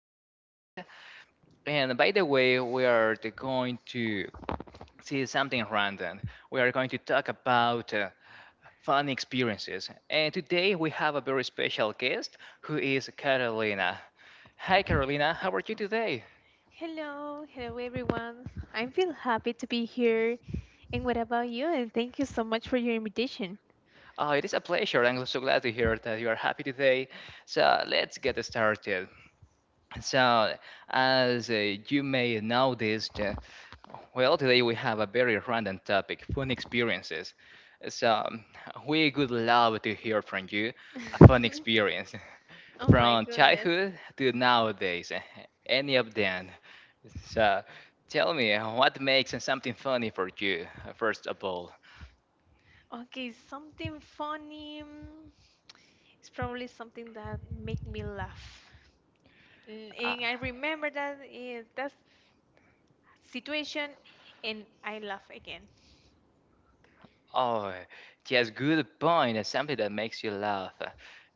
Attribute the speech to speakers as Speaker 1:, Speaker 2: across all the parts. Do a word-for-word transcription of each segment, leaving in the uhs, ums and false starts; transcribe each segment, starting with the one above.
Speaker 1: this podcast. And by the way, we are t- going to see something random. We are going to talk about uh, fun experiences. And today we have a very special guest who is Carolina. Hi Carolina, how are you today?
Speaker 2: Hello, hello everyone. I feel happy to be here. And what about you? And thank you so much for your invitation.
Speaker 1: Oh, it is a pleasure. I'm so glad to hear that you are happy today. So let's get started. So, as uh, you may notice, uh, well, today we have a very random topic, fun experiences. So, um, we would love to hear from you a fun experience
Speaker 2: Oh my
Speaker 1: from
Speaker 2: goodness.
Speaker 1: childhood to nowadays, uh, any of them. So, tell me uh, what makes something funny for you, uh, first of all.
Speaker 2: Okay, something funny. mm, It's probably something that make me laugh. N-
Speaker 1: Uh,
Speaker 2: And I remember that eh, that situation and I laugh again.
Speaker 1: Oh, yes, good point. That's Something that makes you laugh.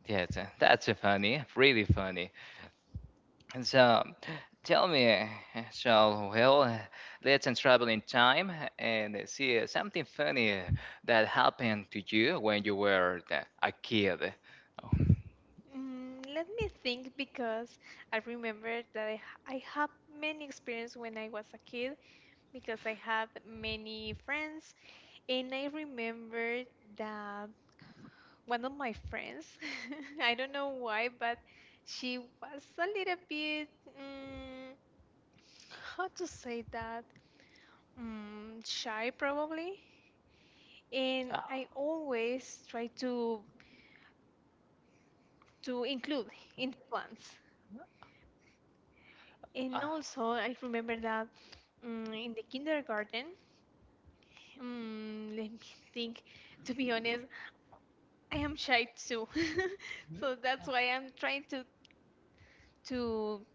Speaker 1: Yes, that's funny, really funny. And so, tell me, so well, let's travel in time and see something funny that happened to you when you were a kid. Oh,
Speaker 2: Mm, let me think because I remember that I, ha- I have many experience when I was a kid because I had many friends. And I remember that one of my friends, I don't know why, but she was a little bit, mm, how to say that, mm, shy probably. And
Speaker 1: ah,
Speaker 2: I always try to to include in the plans. And also, I remember that mm, in the kindergarten, mm, let me think. To be honest, I am shy too, so that's why I'm trying to to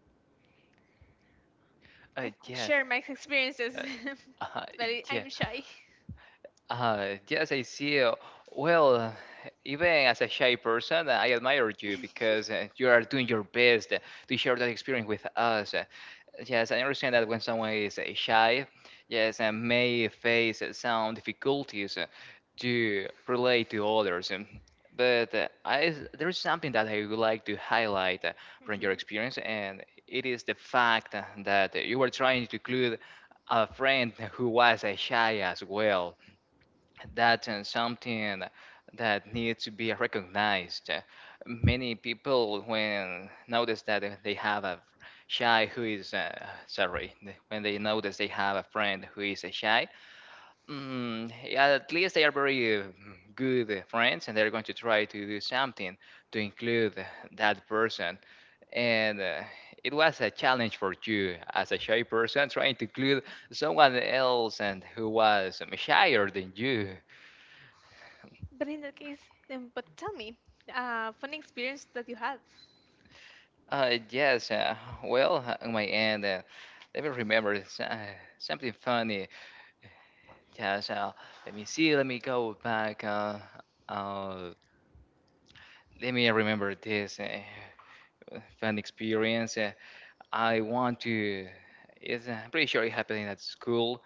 Speaker 1: ah, uh,
Speaker 2: I could
Speaker 1: yeah,
Speaker 2: share my experiences,
Speaker 1: uh, uh,
Speaker 2: but I-
Speaker 1: yeah.
Speaker 2: I'm shy.
Speaker 1: Uh, yes, I see. Uh, Well, uh, even as a shy person, I admire you because uh, you are doing your best to share that experience with us. Uh, Yes, I understand that when someone is uh, shy, yes, and may face uh, some difficulties uh, to relate to others. Um, But uh, I, there is something that I would like to highlight uh, from your
Speaker 2: Mhm.
Speaker 1: experience, and it is the fact that you were trying to include a friend who was uh, shy as well. That's uh, something that needs to be recognized. Many people, when notice that they have a shy who is uh, sorry, when they notice they have a friend who is a shy, mm, at least they are very uh, good friends, and they're going to try to do something to include that person. And uh, it was a challenge for you as a shy person trying to include someone else and who was um, shyer than you.
Speaker 2: But in that case, then, but tell me, uh, funny experience that you had.
Speaker 1: Uh, yes, uh, well, uh, on my end, uh, let me remember s- uh, something funny. Yes, uh, let me see, let me go back. Uh, uh, let me remember this uh, fun experience. Uh, I want to, it's, uh, I'm pretty sure it happened at school.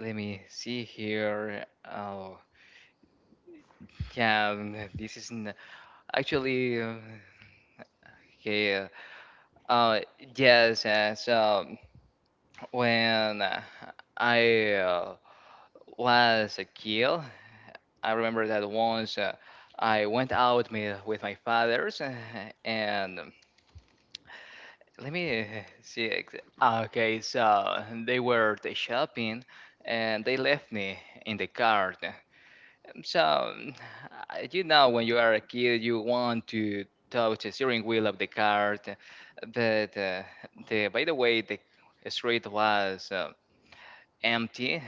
Speaker 1: Let me see here. Oh, yeah, um, this is not actually, uh, okay. Uh, uh, yes, uh, so when uh, I uh, was a kid, I remember that once uh, I went out me, with my father's, uh, and um, let me uh, see. ex- Okay, so they were the shopping, and they left me in the car. So um, I- you know, when you are a kid, you want to touch the steering wheel of the car. But uh, the by the way, the street was uh, empty,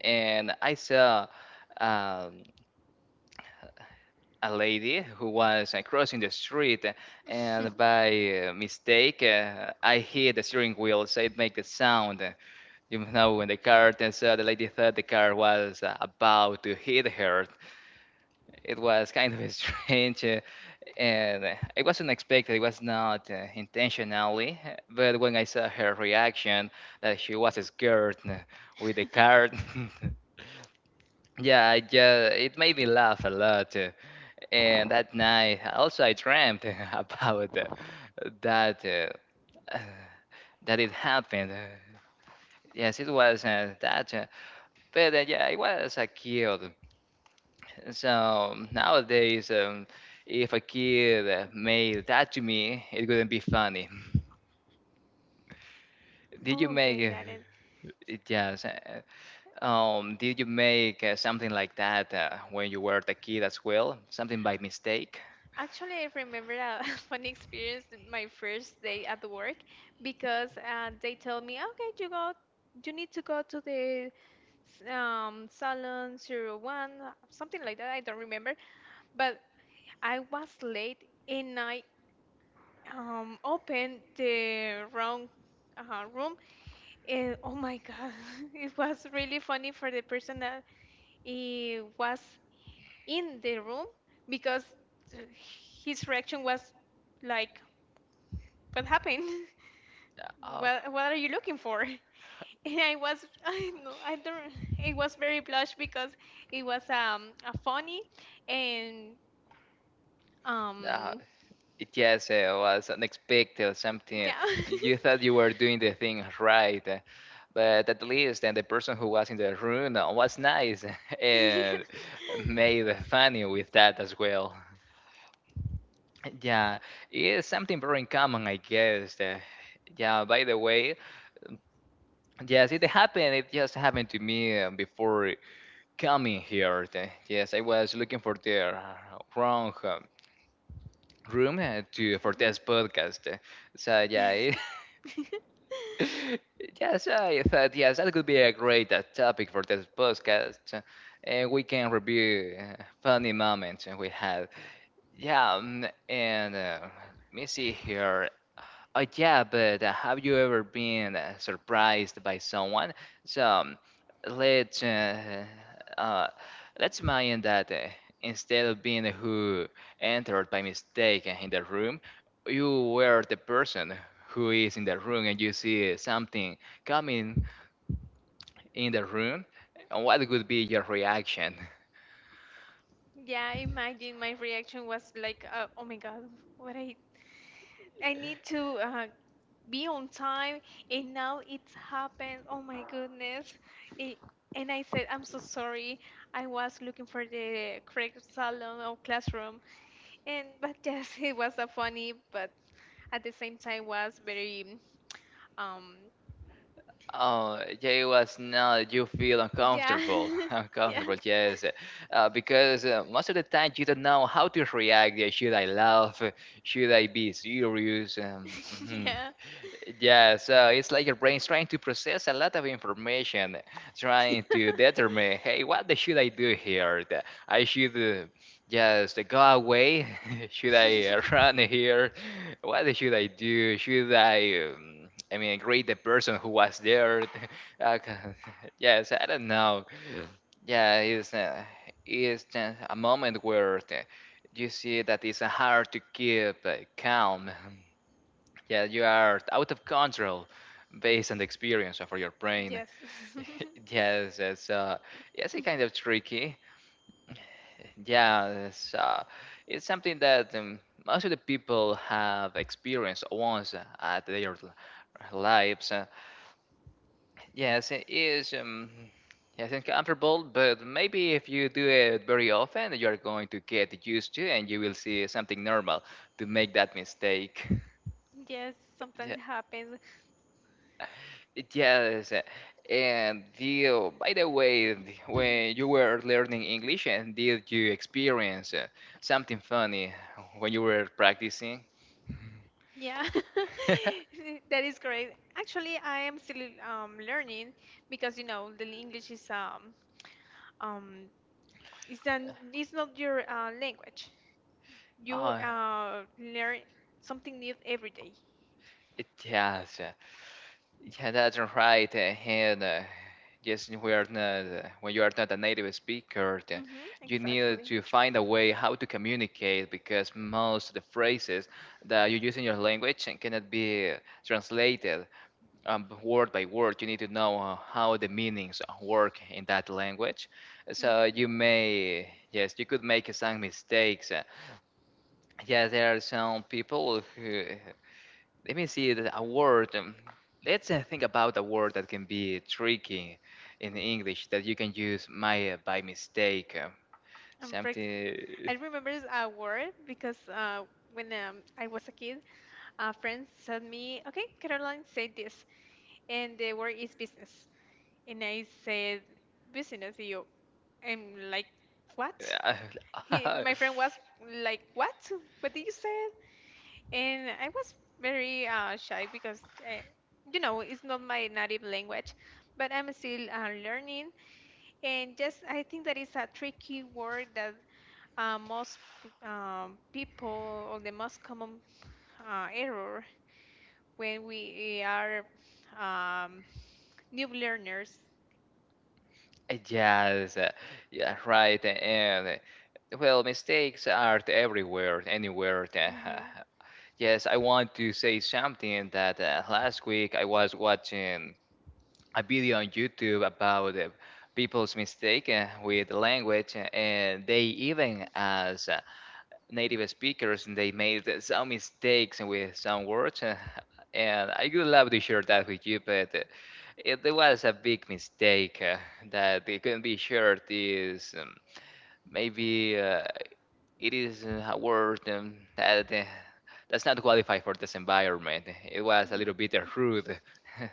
Speaker 1: and I saw Um, a lady who was uh, crossing the street, uh, and by uh, mistake, uh, I hit the steering wheel, so it made the sound. Uh, You know, when the car turns out, the lady thought the car was uh, about to hit her. It was kind of strange, uh, and uh, it was unexpected. It was not uh, intentionally, uh, but when I saw her reaction, that she was scared uh, with the car. Yeah, I just, it made me laugh a lot. And that night, also I dreamt about uh, that uh, that it happened. Yes, it was uh, that, uh, but uh, yeah, it was a kid. So nowadays, um, if a kid uh, made that to me, it wouldn't be funny. Did you make
Speaker 2: Okay,
Speaker 1: uh,
Speaker 2: got it.
Speaker 1: it? Yes. Uh, Um, did you make uh, something like that uh, when you were the kid as well? Something by mistake?
Speaker 2: Actually, I remember a funny experience in my first day at the work because uh, they told me, okay, you go, you need to go to the s- um, Salon zero one, something like that. I don't remember. But I was late and I um, opened the wrong uh, room. And oh my God, it was really funny for the person that eh, was in the room because uh, his reaction was like, what happened?
Speaker 1: Uh,
Speaker 2: What, what are you looking for? And I was I know I don't it was very blush because it was um a funny and
Speaker 1: oh. uh,
Speaker 2: um
Speaker 1: Yes, it was unexpected, something
Speaker 2: yeah
Speaker 1: you thought you were doing the thing right, uh, but at least and the person who was in the room uh, was nice
Speaker 2: yeah.
Speaker 1: and made funny with that as well. Yeah, it's something very common, I guess. uh, Yeah, by the way, yes, it happened. It just happened to me uh, before coming here. uh, Yes, I was looking for the uh, wrong uh, room uh, to for
Speaker 2: Mhm.
Speaker 1: this podcast. uh, So yeah, it Yes, I thought yes, that could be a great uh, topic for this podcast, uh, and we can review uh, funny moments we had. Yeah, um, and uh, let me see here. Oh yeah, but uh, have you ever been uh, surprised by someone? So um, let's uh, uh, let's imagine that uh, instead of being who entered by mistake in the room, you were the person who is in the room and you see something coming in the room. And what would be your reaction?
Speaker 2: Yeah, imagine my reaction was like, uh, oh my God, what I I need to uh, be on time, and now it's happened. Oh my goodness, it, and I said, I'm so sorry, I was looking for the correct salon or classroom, and but yes, it was a funny, but at the same time was very um
Speaker 1: Oh, yeah, it was now that you feel
Speaker 2: yeah
Speaker 1: uncomfortable.
Speaker 2: yeah
Speaker 1: Uncomfortable, yes. Uh, because uh, most of the time you don't know how to react. Yeah, should I laugh? Should I be serious? Um, mhm.
Speaker 2: yeah,
Speaker 1: Yeah, so it's like your brain's trying to process a lot of information, trying to determine, hey, what the- should I do here? The- I should uh, just go away? Should I uh, run here? What should I do? Should I, um, I mean, greet the person who was there? Uh, yes, I don't know. Yeah, it's, uh, it's just a moment where uh, you see that it's hard to keep uh, calm. Yeah, you are out of control based on the experience for your brain.
Speaker 2: yes
Speaker 1: yes, it's uh, yes, it's kind of tricky. Yeah, it's, uh, it's something that um, most of the people have experienced once at their l- lives. Uh, yes, it is. Um, Yes, uncomfortable, but maybe if you do it very often, you're going to get used to and you will see something normal to make that mistake.
Speaker 2: yes, sometimes it happens.
Speaker 1: Yes, uh, and deal. By the way, when you were learning English, and did you experience uh, something funny when you were practicing?
Speaker 2: Yeah, that is correct. Actually, I am still um, learning because you know the English is um um it's an it's not your uh, language. You
Speaker 1: Oh,
Speaker 2: uh learn something new every day.
Speaker 1: it- yes, uh, yeah, that's right. uh, And uh, yes, we are not uh, when you are not a native speaker, uh,
Speaker 2: Mm-hmm,
Speaker 1: you need
Speaker 2: exactly.
Speaker 1: to find a way how to communicate because most of the phrases that you use in your language uh, cannot be translated um, word by word. You need to know uh, how the meanings work in that language. So
Speaker 2: Mm-hmm.
Speaker 1: you may, yes, you could make some mistakes. Uh, Yeah, there are some people who. Let me see the- a word. um, Let's uh, think about a word that can be tricky in English that you can use my uh, by mistake. uh,
Speaker 2: Um, for ex- I remember a word because uh, when um, I was a kid, a friend sent me, okay, Caroline said this, and the word is business. And I said, business, you. I'm like, what? He,
Speaker 1: Something.
Speaker 2: my friend was like, what? What did you say? And I was very uh, shy because, uh, you know, it's not my native language, but I'm still uh, learning. And just, I think that is a tricky word that uh, most p- um, people, or the most common uh, error when we are um, new learners.
Speaker 1: Yes, uh, yeah, right. And uh, well, mistakes are everywhere, anywhere. Uh,
Speaker 2: Mhm.
Speaker 1: Yes, I want to say something that uh, last week I was watching a video on YouTube about uh, people's mistake uh, with language, uh, and they, even as native speakers, and they made uh, some mistakes with some words, uh, and I would love to share that with you, but uh, it was a big mistake uh, that it couldn't be shared. Is um, Maybe uh, it is uh, a word um, that uh, does not qualify for this environment. It was a
Speaker 2: Mhm.
Speaker 1: little bit rude,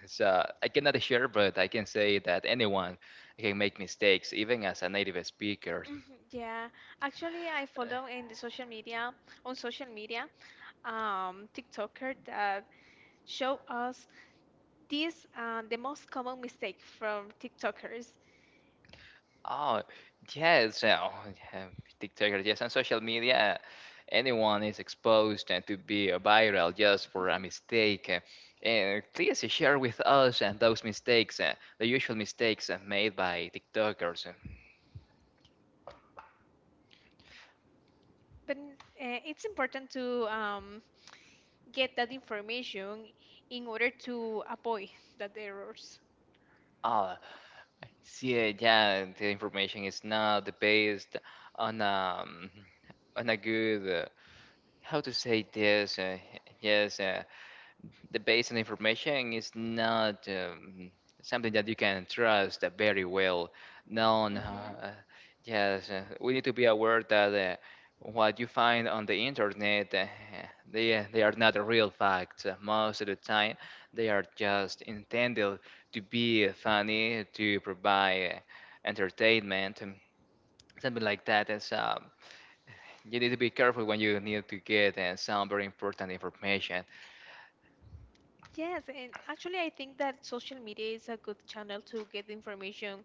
Speaker 1: so I cannot share, but I can say that anyone can make mistakes even as a native speaker.
Speaker 2: Mhm, yeah, actually, I follow in the social media on social media um TikToker that show us these uh, the most common mistake from TikTokers.
Speaker 1: Oh, yes. Now, TikTok, yes, on social media, anyone is exposed and to be uh, viral just for a
Speaker 2: Mhm.
Speaker 1: mistake. Uh, And please share with us and those mistakes, uh, the usual mistakes uh, made by TikTokers.
Speaker 2: But uh, it's important to um, get that information in order to avoid that errors.
Speaker 1: Oh, I see, uh, yeah, the information is not based on um on a good uh, how to say this. Uh, yes. Uh, the base on information is not um, something that you can trust very well. No, no,
Speaker 2: Hmm.
Speaker 1: uh, yes, uh, we need to be aware that uh, what you find on the internet, uh, they they are not real facts. Most of the time, they are just intended to be funny, to provide uh, entertainment, um, something like that. And so you need to be careful when you need to get uh, some very important information.
Speaker 2: Yes, and actually, I think that social media is a good channel to get information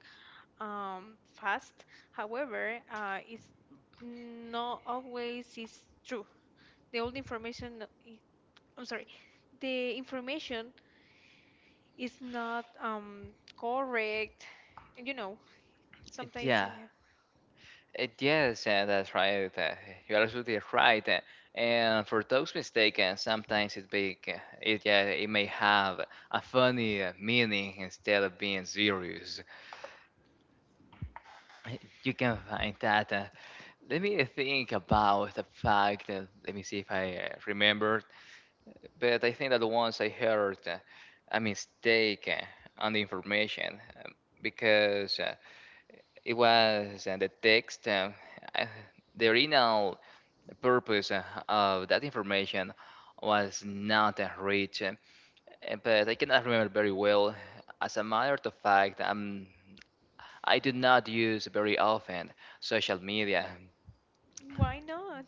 Speaker 2: um, fast. However, uh, it's not always is true. The old information, no, i- I'm sorry, the information is not um, correct. And You know, sometimes
Speaker 1: Yeah,
Speaker 2: uh,
Speaker 1: Uh, Yes, uh, that's right. uh, You're absolutely right. uh, And for those mistaken, sometimes it be, uh, it yeah, it may have a funny uh, meaning instead of being serious. Uh, You can find that. uh, Let me think about the fact. uh, Let me see if I uh, remember. But I think that once I heard uh, a mistake uh, on the information, um, because uh, it was uh, the text. uh, I- The original The purpose uh, of that information was not uh, reached, uh, but I cannot remember very well. As a matter of fact, um, I do not use very often social media.
Speaker 2: why not?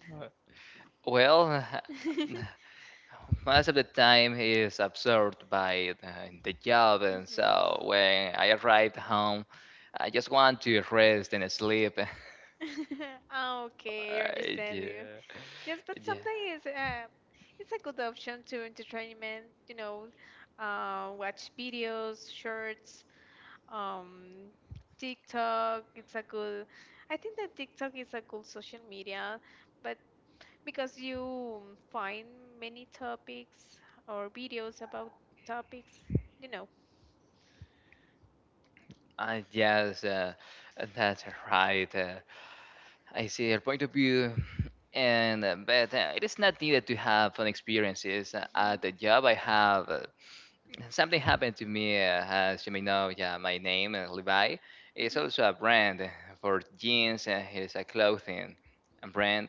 Speaker 1: Well, most of the time is absorbed by the, the job, and
Speaker 2: Mhm.
Speaker 1: so when I arrived home, I just want to rest and sleep.
Speaker 2: Ah, okay, I
Speaker 1: Uh,
Speaker 2: understand you.
Speaker 1: yeah,
Speaker 2: Yes, but
Speaker 1: yeah,
Speaker 2: sometimes it's uh, it's a good option to entertainment. You know, uh, watch videos, shorts, um, TikTok. It's a good. I think that TikTok is a good social media, but because you find many topics or videos about topics, you know.
Speaker 1: I guess uh, that's right. Uh, I see your point of view, and uh, but uh, it is not needed to have fun experiences Uh,
Speaker 2: Hmm.
Speaker 1: at the job. I have uh, something happened to me, uh, as you may know. Yeah, my name uh, Levi is
Speaker 2: Hmm.
Speaker 1: also a brand for jeans. Uh, it's a clothing brand,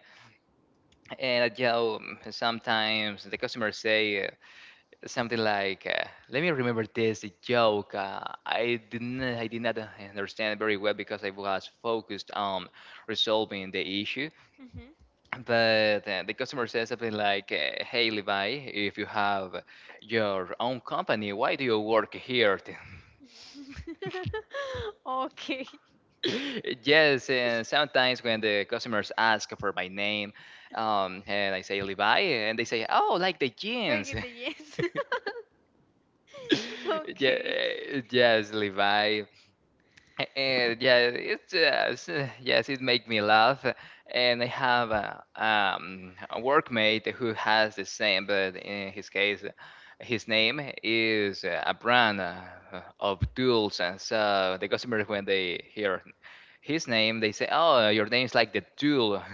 Speaker 1: and at job sometimes the customers say uh, something like, uh, "Let me remember this joke." Uh, I didn't, I did not uh, understand very well because I was focused on resolving the issue,
Speaker 2: Hmm.
Speaker 1: but uh, the customer says something like, uh, "Hey Levi, if you have your own company, why do you work here?"
Speaker 2: Okay.
Speaker 1: Yes, and sometimes when the customers ask for my name, um, and I say Levi, and they say, "Oh, like the
Speaker 2: Like
Speaker 1: jeans."
Speaker 2: in the yes.
Speaker 1: Yeah,
Speaker 2: Okay.
Speaker 1: yes, Levi. And yeah, it's just yes, it make me laugh. And I have a, um, a workmate who has the same, but in his case, his name is uh, a brand uh, of tools, and so the customers when they hear his name, they say, "Oh, your name is like the tool."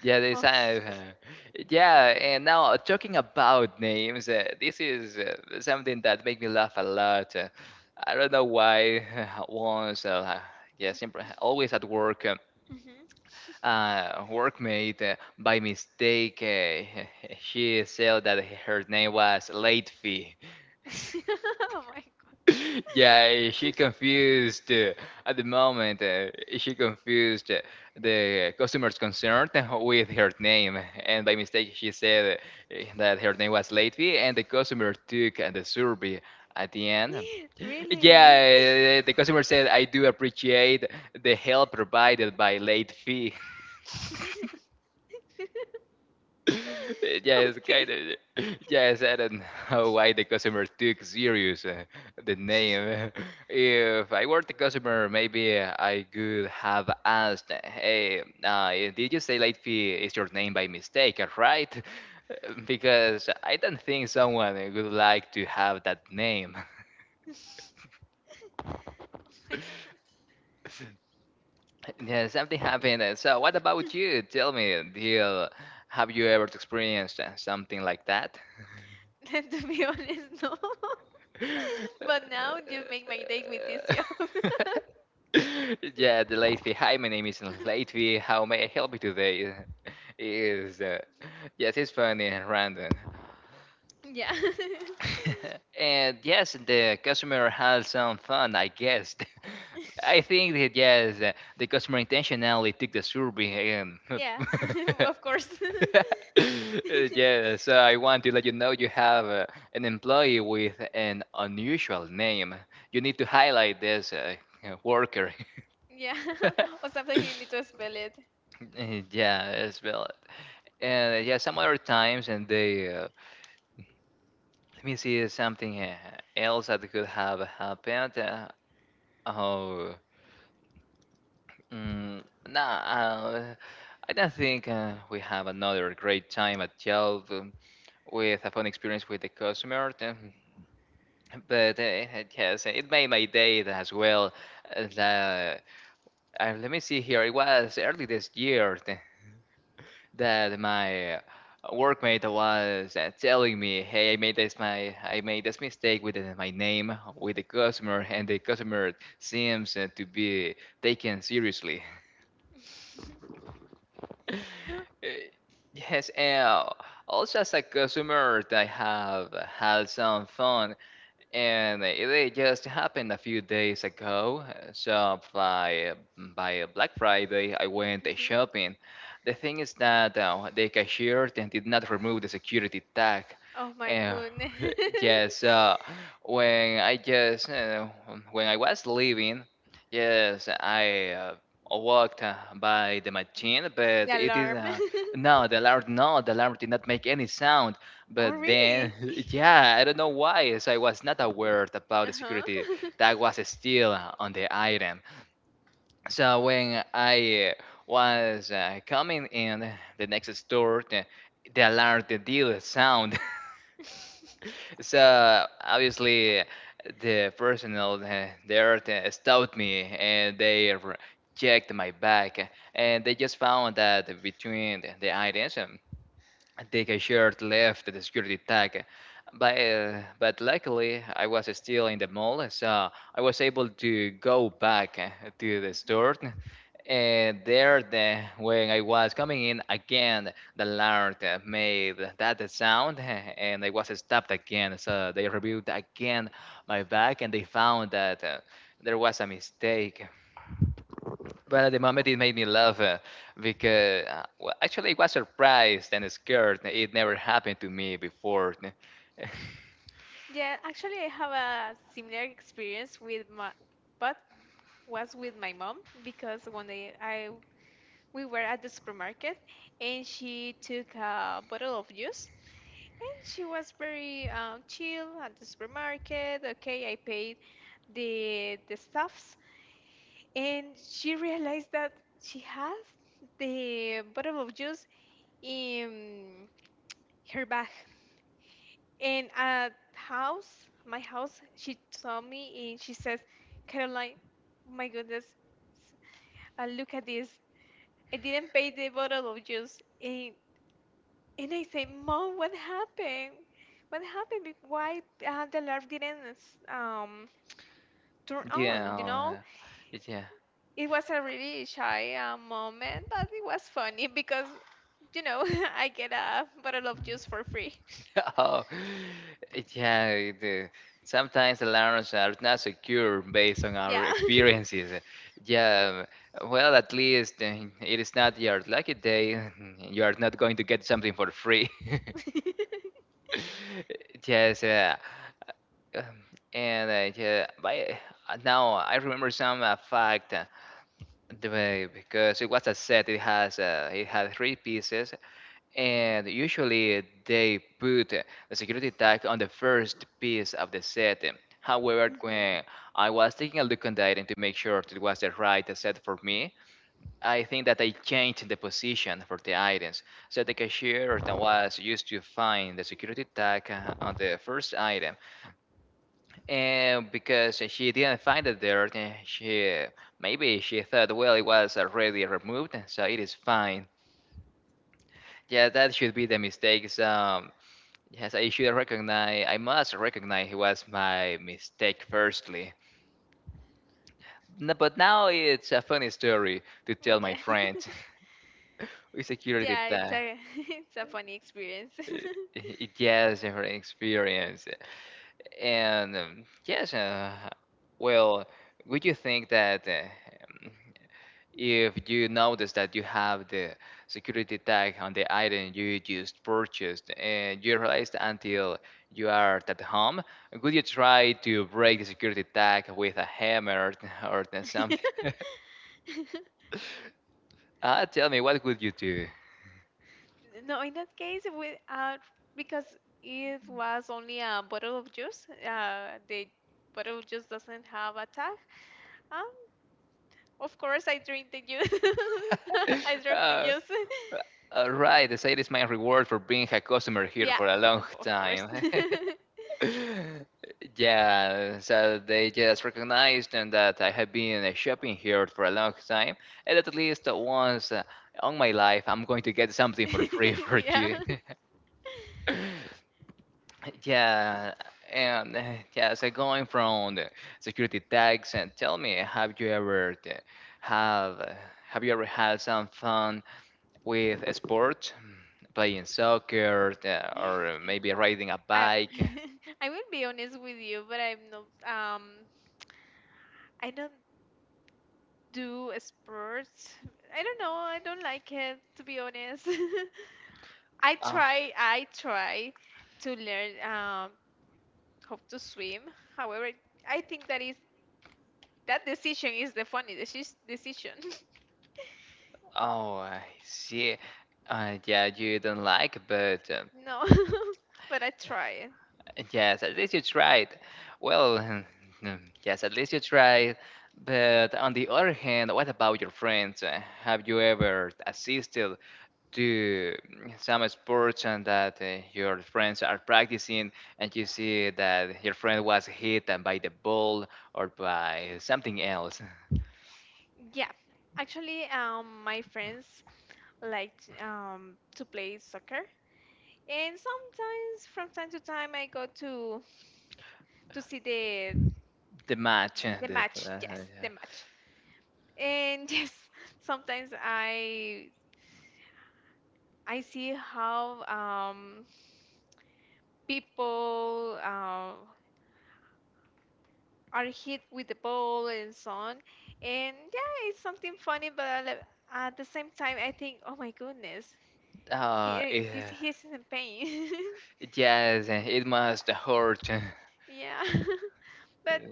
Speaker 1: Yeah, they
Speaker 2: Okay.
Speaker 1: sound. Yeah, and now uh, talking about names, uh, this is uh, something that make me laugh a lot. Uh, I don't know why. Once, uh, yeah, sempre, always at work, uh,
Speaker 2: Mhm.
Speaker 1: uh, workmate uh, by mistake, uh, she said that her name was Late Fee.
Speaker 2: Oh my God.
Speaker 1: Yeah, she confused uh, at the moment. Uh, she confused uh, the customer's concern with her name, and by mistake, she said uh, that her name was Latvia, and the customer took uh, the survey at the end.
Speaker 2: Really?
Speaker 1: Yeah, uh, the customer said, "I do appreciate the help provided by late fee." Yes, kind
Speaker 2: Okay.
Speaker 1: of. Yes, I don't know why the customer took serious uh, the name. If I were the customer, maybe I could have asked, "Hey, uh, did you say late fee is your name by mistake, uh, right?" Because I don't think someone would like to have that name.
Speaker 2: Oh my.
Speaker 1: Yeah, something happened. uh, So, what about you? Tell me, Dil, have you ever experienced uh, something like that?
Speaker 2: Then to be honest, no. But now you make my day with this job.
Speaker 1: Yeah, the late. Hi, my name is late. How may I help you today? Is uh, yes, it's funny and random.
Speaker 2: Yeah.
Speaker 1: And yes, the customer had some fun, I guess. I think that yes, uh, the customer intentionally took the survey and
Speaker 2: Yeah, of course.
Speaker 1: yeah, so I want to let you know you have uh, an employee with an unusual name. You need to highlight this uh, uh, worker.
Speaker 2: Yeah, or sometimes you need to spell it.
Speaker 1: Uh, yeah, as well. And uh, yeah, some other times, and they uh, let me see something uh, else that could have happened. Uh, oh, mm, nah, uh, I don't think uh, we have another great time at Yelp um, with a fun experience with the customer. um, But uh, yes, it made my day as well. Uh, the- uh, Let me see here. It was early this year, uh, that my uh, workmate was uh, telling me, "Hey, I made this my I made this mistake with uh, my name with the customer, and the customer seems uh, to be taken seriously." Uh, Yes, and also as a customer, I have had some fun and it it just happened a few days ago. uh, So by mm, by Black Friday, I went
Speaker 2: Mhm.
Speaker 1: shopping. The thing is that uh, the cashier then did not remove the security tag.
Speaker 2: Oh my
Speaker 1: Uh,
Speaker 2: goodness.
Speaker 1: yes, uh, when I just uh, when I was leaving, yes, I uh, walked uh, by the machine,
Speaker 2: The
Speaker 1: but it didn't.
Speaker 2: alarm.
Speaker 1: Uh, no, the alarm, no, the alarm did not make any sound.
Speaker 2: Oh,
Speaker 1: But then,
Speaker 2: really?
Speaker 1: yeah, I don't know why. So I was not aware about the
Speaker 2: Uh-huh.
Speaker 1: security that was still on the item. So when I was uh, coming in the next store, the, the alarm, the deal sound. So obviously, the personnel uh, there uh, stopped me and they r- checked my bag and they just found that between the the items, um, and take a shirt left at the security tag. But, uh, but luckily, I was still in the mall, so I was able to go back uh, to the
Speaker 2: Mhm.
Speaker 1: store. And there, the, when I was coming in again, the alert uh, made that sound, and I was stopped again. So they reviewed again my bag, and they found that uh, there was a mistake. But at the moment, it made me laugh uh, because uh, well, actually, I was surprised and scared. It never happened to me before.
Speaker 2: Yeah, actually, I have a similar experience with my, but was with my mom because one day I we were at the supermarket and she took a bottle of juice, and she was very um, chill at the supermarket. Okay, I paid the the stuffs, and she realized that she has the bottle of juice in her bag. And at house, my house, she saw me and she says, Caroline, my goodness, uh, look at this. I didn't pay the bottle of juice. And, and I say, Mom, what happened? What happened? Be- Why uh, the alarm didn't um, turn on? You know,
Speaker 1: Yeah, yeah.
Speaker 2: it was a really shy uh, moment, but it was funny because you know, I get a bottle of juice for free.
Speaker 1: Oh, yeah. It, uh, sometimes the alarms are not secure based on our
Speaker 2: Yeah.
Speaker 1: experiences. Yeah. Well, at least uh, it is not your lucky day. You are not going to get something for free. Yes, uh, um, and uh, yeah, by uh, now I remember some uh, fact uh, the way- because it was a set. It has uh, it had three pieces,
Speaker 2: Hmm.
Speaker 1: and usually they put uh, the security tag on the first piece of the set. However,
Speaker 2: Hmm.
Speaker 1: when I was taking a look on that and to make sure it was the right set for me, I think that I changed the position for the items. So the cashier that was used to find the security tag uh, on the first item, and because she didn't find it there, uh, she maybe she thought, well, it was already removed, so it is fine. Yeah, that should be the mistakes. Um, yes, I should recognize. I must recognize it was my mistake firstly. N- But now it's a funny story to tell my
Speaker 2: Yeah.
Speaker 1: friends. security
Speaker 2: Yeah,
Speaker 1: that
Speaker 2: it's
Speaker 1: uh,
Speaker 2: a it's a funny experience.
Speaker 1: it has her experience. And um, yes, uh, well, would you think that uh, um, if you notice that you have the security tag on the item you just purchased and you realized until you are at home, would you try to break the security tag with a hammer or something? Uh, tell me, what would you do?
Speaker 2: No, in that case, we, uh, because it was only a bottle of juice, uh, the bottle of juice doesn't have a tag. Um, of course, I drink the juice. I drank the
Speaker 1: uh,
Speaker 2: juice.
Speaker 1: all right, the sale is my reward for being a customer here
Speaker 2: Yeah,
Speaker 1: for a long
Speaker 2: of, of course.
Speaker 1: time. Yeah, so they just recognized and that I have been uh, shopping here for a long time, and at least once uh, on my life, I'm going to get something for free for
Speaker 2: Yeah.
Speaker 1: you. Yeah, and uh, yeah, so going from the security tags, and tell me, have you ever uh, have uh, have you ever had some fun with a sport, playing soccer uh, or maybe riding a
Speaker 2: I
Speaker 1: bike.
Speaker 2: I will be honest with you, but I'm not um I don't do sports. I don't know, I don't like it, to be honest. I
Speaker 1: Oh,
Speaker 2: try, I try to learn um, how to swim. However, I think that is that decision is the funny deci- decision.
Speaker 1: oh, I see. Uh, yeah, you don't like, but um,
Speaker 2: No, but I try.
Speaker 1: yes, at least you tried. Well, um, yes, at least you tried. But on the other hand, what about your friends? Uh, Have you ever assisted to some sports and that uh, your friends are practicing and you see that your friend was hit and by the ball or by something else
Speaker 2: Yeah, actually, um, my friends like um, to play soccer, and sometimes from time to time I go to to see the
Speaker 1: the match uh,
Speaker 2: the
Speaker 1: the,
Speaker 2: match.
Speaker 1: uh,
Speaker 2: Yes, the match. And yes, sometimes I I see how um, people uh, are hit with the ball and so on. And yeah, it's something funny, but I love- at the same time, I think, oh my goodness,
Speaker 1: yeah.
Speaker 2: he,
Speaker 1: uh,
Speaker 2: eh, this
Speaker 1: eh,
Speaker 2: he's in pain.
Speaker 1: yes uh, it must hurt.
Speaker 2: Yeah, but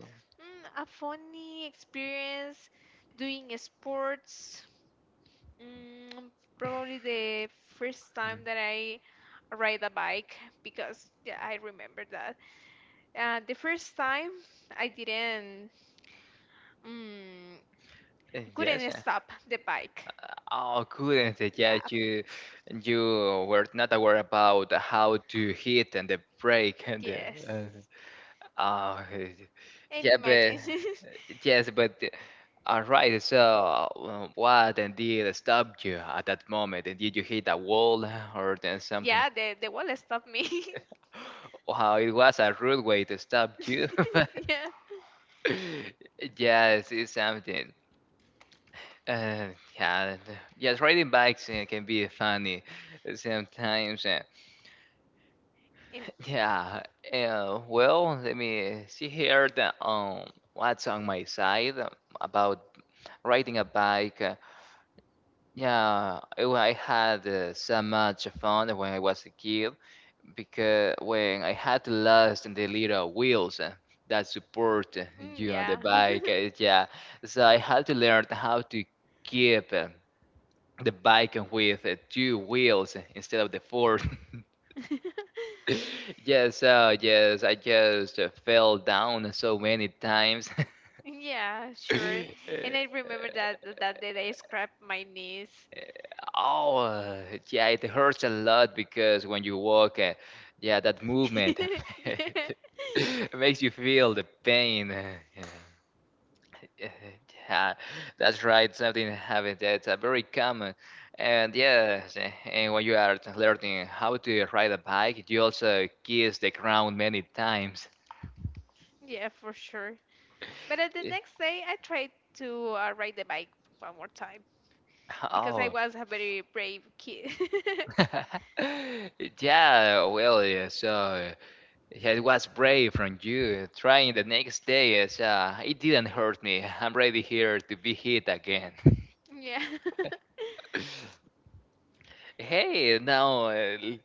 Speaker 2: mm, a funny experience doing sports. Mm, probably the first time that I ride a bike because yeah, I remember that. Uh, the first time I didn't. Mm,
Speaker 1: Uh, yes
Speaker 2: couldn't
Speaker 1: uh,
Speaker 2: stop the bike.
Speaker 1: oh couldn't it? Yeah
Speaker 2: Yeah,
Speaker 1: you you were not aware about how to hit and the break and the,
Speaker 2: yes.
Speaker 1: uh, Uh,
Speaker 2: And
Speaker 1: yeah,
Speaker 2: imagine,
Speaker 1: but yes, but all right. So, uh, what and did stop you at that moment? And did you hit a wall or then something?
Speaker 2: yeah, the, the wall stopped me.
Speaker 1: Wow, it was a rude way to stop you.
Speaker 2: Yeah.
Speaker 1: Yes, it's something. Uh, yeah, yes, riding bikes uh, can be funny sometimes. Uh,
Speaker 2: And,
Speaker 1: yeah. Uh, well, let me see here. The, um, what's on my side about riding a bike. uh, Yeah, I I had uh, so much fun when I was a kid because when I had to last the little wheels uh, that support uh,
Speaker 2: mm,
Speaker 1: you on the
Speaker 2: yeah.
Speaker 1: bike. uh, Yeah, so I had to learn how to keep uh, the bike with uh, two wheels instead of the four. Yes, uh, yes, I just uh, fell down so many times.
Speaker 2: Yeah, sure. And I remember that that day I scraped my knees.
Speaker 1: Uh, Oh, uh, yeah, it hurts a lot because when you walk, uh, yeah, that movement
Speaker 2: Yeah,
Speaker 1: makes you feel the pain. uh, Yeah. Yeah, that's right. Something happened that's uh, very common. And yes, uh, and when you are t- learning how to ride a bike, you also kiss the ground many times.
Speaker 2: yeah, for sure. But at the
Speaker 1: Yeah.
Speaker 2: next day, I tried to uh, ride the bike one more time because I
Speaker 1: Oh.
Speaker 2: was a very brave kid.
Speaker 1: Yeah, well, yeah, so uh, yeah, it was brave from you. Trying the next day is uh, it didn't hurt me. I'm ready here to be hit again.
Speaker 2: Yeah.
Speaker 1: Hey, now uh, l-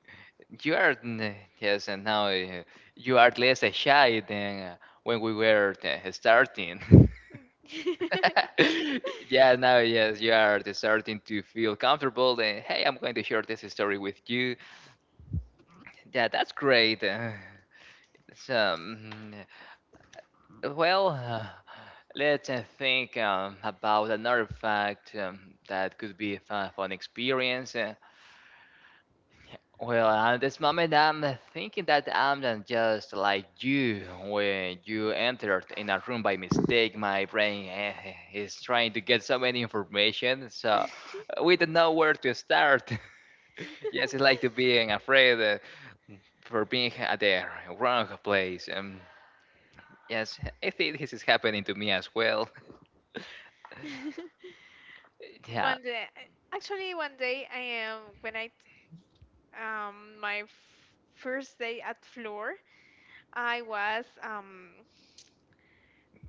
Speaker 1: you are n- yes, and now uh, you are less shy than uh, when we were uh, starting. Yeah, now yes, you are starting to feel comfortable. And hey, I'm going to share this story with you. Yeah, that's great. Uh, so, mm, well. uh, Let's uh, think um, about another fact um, that could be a fun, fun experience. Uh, well, at this moment, I'm uh, thinking that I'm uh, just like you when you entered in a room by mistake. My brain uh, is trying to get so many information, so uh, we don't know where to start. Yes, it's like to being afraid uh, for being at the wrong place. Um, yes, I think this is happening to me as well. Yeah.
Speaker 2: One day, actually, one day I am when I um my f- first day at floor, I was um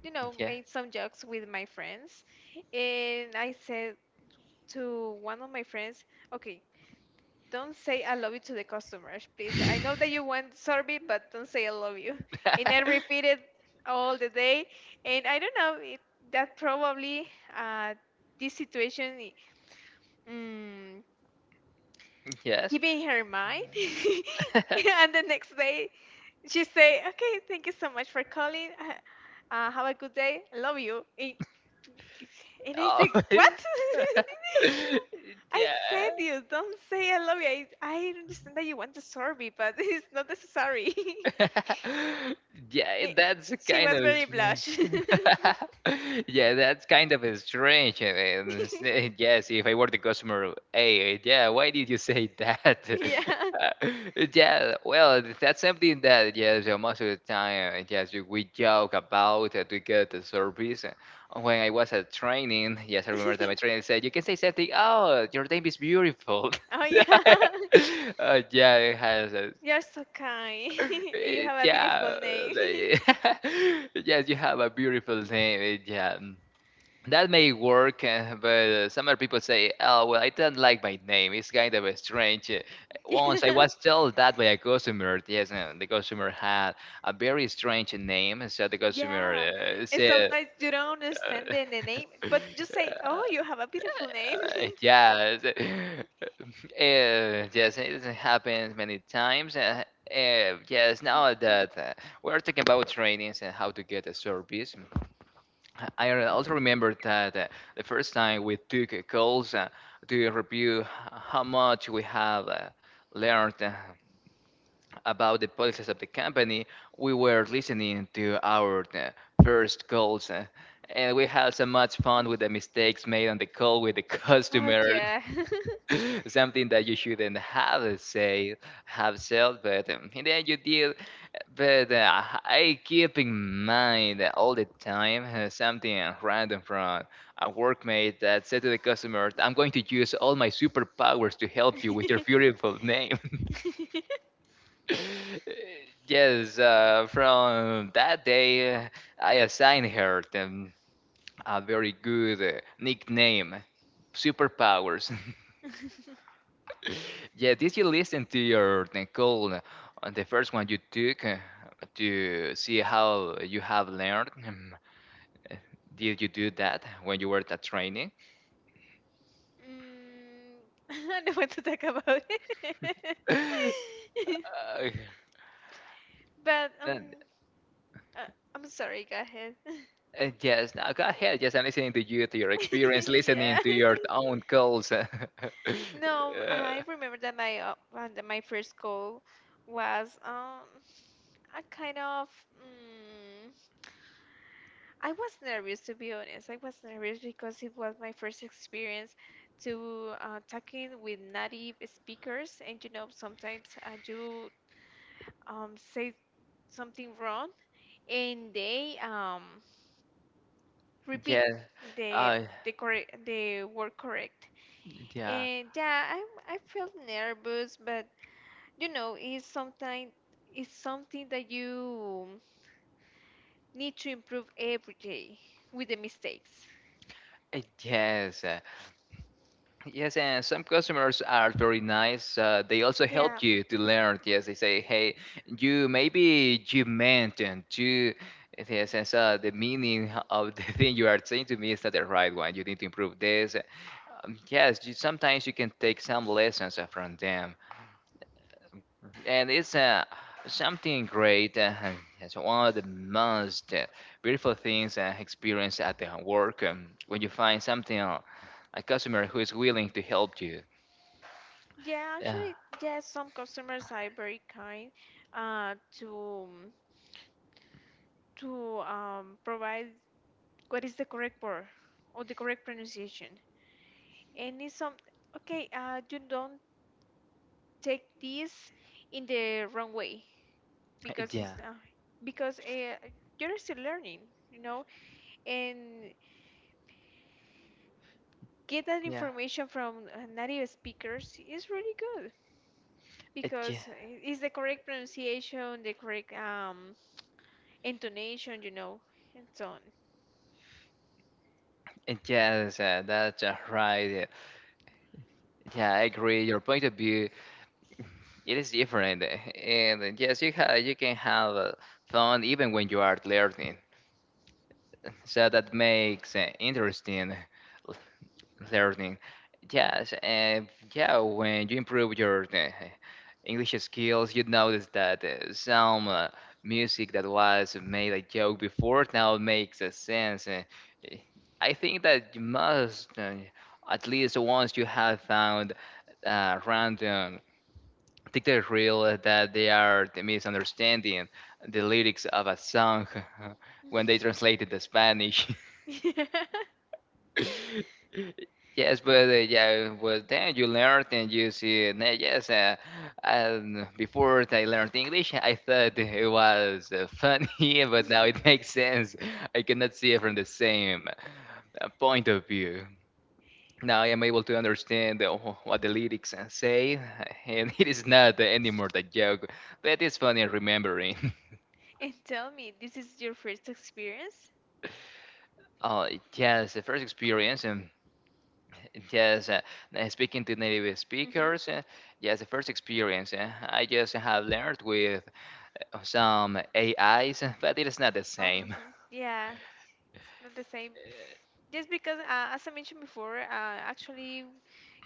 Speaker 2: you know
Speaker 1: Yeah.
Speaker 2: made some jokes with my friends, and I said to one of my friends, okay, don't say I love you to the customers, please. I know that you want sorbet, but don't say I love you. And I repeated all the day, and I don't know it, that probably uh this situation. mm
Speaker 1: Yes.
Speaker 2: Keeping her in mind. And the next day, she say, "Okay, thank you so much for calling. Uh, uh, have a good day. I love you." And, and I
Speaker 1: Oh.
Speaker 2: say, "What? I
Speaker 1: Yeah.
Speaker 2: said, you don't say I love you. I, I understand that you want to serve me, but it's not necessary."
Speaker 1: Yeah,
Speaker 2: Y-
Speaker 1: that's
Speaker 2: she
Speaker 1: kind
Speaker 2: was
Speaker 1: of
Speaker 2: very
Speaker 1: strange.
Speaker 2: blush.
Speaker 1: Yeah, that's kind of strange. I mean, s- yes, if I were the customer, hey, yeah, why did you say that?
Speaker 2: Yeah.
Speaker 1: Uh, yeah, well, that's something that yes, uh, most of the time, uh, yes, we joke about uh, to get the service. Uh, When I was at training, yes, I remember that my trainer said, "You can say something. Oh, your name is beautiful."
Speaker 2: Oh yeah.
Speaker 1: Uh, yeah, it has.
Speaker 2: You're so kind. You
Speaker 1: Eh,
Speaker 2: have a beautiful
Speaker 1: yeah,
Speaker 2: name.
Speaker 1: they- yes, you have a beautiful name. eh, Yeah, mm. that may work, uh, but uh, some other people say, "Oh, well, I don't like my name. It's kind of a strange." uh, Once I
Speaker 2: Yeah,
Speaker 1: was told that by a customer. Yes, uh, the customer had a very strange name, so the customer
Speaker 2: yeah.
Speaker 1: uh,
Speaker 2: And
Speaker 1: said.
Speaker 2: sometimes you don't understand the, the name, but just say,
Speaker 1: Uh,
Speaker 2: "Oh, you have a beautiful name."
Speaker 1: Uh, yes, Uh, yes, it happens many times. Uh, uh, yes, now that uh, we're talking about trainings and how to get a service, I re- also remember that uh, the first time we took uh, calls uh, to review how much we have uh, learned uh, about the policies of the company, we were listening to our uh, first calls. uh, and we had so much fun with the mistakes made on the call with the
Speaker 2: Oh,
Speaker 1: customer.
Speaker 2: yeah.
Speaker 1: Something that you shouldn't have said, have said, but um, in the end you did. But uh, I keep in mind all the time uh, something random from a workmate that said to the customer, "I'm going to use all my superpowers to help you with your beautiful name." Yes, uh, from that day, uh, I assigned her um, a very good uh, nickname, superpowers. Yeah, did you listen to your Nicole on the first one you took uh, to see how you have learned? Um, uh, Did you do that when you were at training?
Speaker 2: Mm, I don't want to talk about it.
Speaker 1: Uh,
Speaker 2: But um,
Speaker 1: and,
Speaker 2: uh, I'm sorry. Go ahead.
Speaker 1: uh, yes, now go ahead. Yes, I'm listening to you, to your experience,
Speaker 2: Yeah.
Speaker 1: listening to your own calls. Uh,
Speaker 2: No, I remember that my uh, uh, that my first call was um I kind of. Mm, I was nervous, to be honest. I was nervous because it was my first experience to uh, talking with native speakers, and you know, sometimes uh, you um, say something wrong, and they um, repeat
Speaker 1: yeah,
Speaker 2: the
Speaker 1: uh,
Speaker 2: the correct the word correct.
Speaker 1: yeah,
Speaker 2: And yeah, I I felt nervous, but you know, it's sometimes it's something that you need to improve every day with the mistakes.
Speaker 1: uh, yes. uh, Yes, and some customers are very nice. Uh, they also
Speaker 2: Yeah,
Speaker 1: help you to
Speaker 2: mhm.
Speaker 1: learn. Yes, they say, "Hey, you maybe you meant and you." Yes, and so the meaning of the thing you are saying to me is not the right one. You need to improve this. Um, yes, you, sometimes you can take some lessons uh, from them, and it's uh, something great. Uh, and it's one of the most uh, beautiful things uh, experienced at the work um, when you find something uh, a customer who is willing to help you.
Speaker 2: Yeah,
Speaker 1: Yeah.
Speaker 2: actually, yes, some customers are very kind uh, to to um, provide what is the correct word or the correct pronunciation. And it's some okay, uh, you don't take this in the wrong way because it's
Speaker 1: Yeah,
Speaker 2: uh, because uh, you're still learning, you know, and get that
Speaker 1: yeah.
Speaker 2: information from uh, native speakers is really good
Speaker 1: Uh, Yeah,
Speaker 2: because eh, it's the correct pronunciation, the correct um intonation, you know, and so on.
Speaker 1: uh, yes, uh, that's uh, right. uh, Yeah, I agree. Your point of view, it is different, uh, and uh, yes, you ha you can have uh, fun even when you are learning. So that makes uh, interesting learning. Yes, and yeah, when you improve your uh, English skills, you notice that uh, some uh, music that was made a joke before now makes a sense. Uh, eh, I think that you must, uh, at least once you have found uh, random TikTok reel that they are misunderstanding the lyrics of a song when they translated the Spanish. Yes, but uh, yeah, well, then you learn, and you see, uh, yes, uh, and before I learned English, I thought it was uh, funny, but now it makes sense. I cannot see it from the same uh, point of view. Now I am able to understand uh, wh- what the lyrics uh, say, and it is not uh, anymore the joke, but it's funny remembering.
Speaker 2: And tell me, this is your first experience?
Speaker 1: Oh, yes, the first experience. um, Yes, uh, uh, speaking to native
Speaker 2: Mm-hmm.
Speaker 1: speakers, uh, yes, the first experience uh, I just have learned with uh, some A Is, uh, but it is not the
Speaker 2: Oh,
Speaker 1: same. Uh,
Speaker 2: hmm yeah, it's not the same. Just because, uh, as I mentioned before, uh, actually,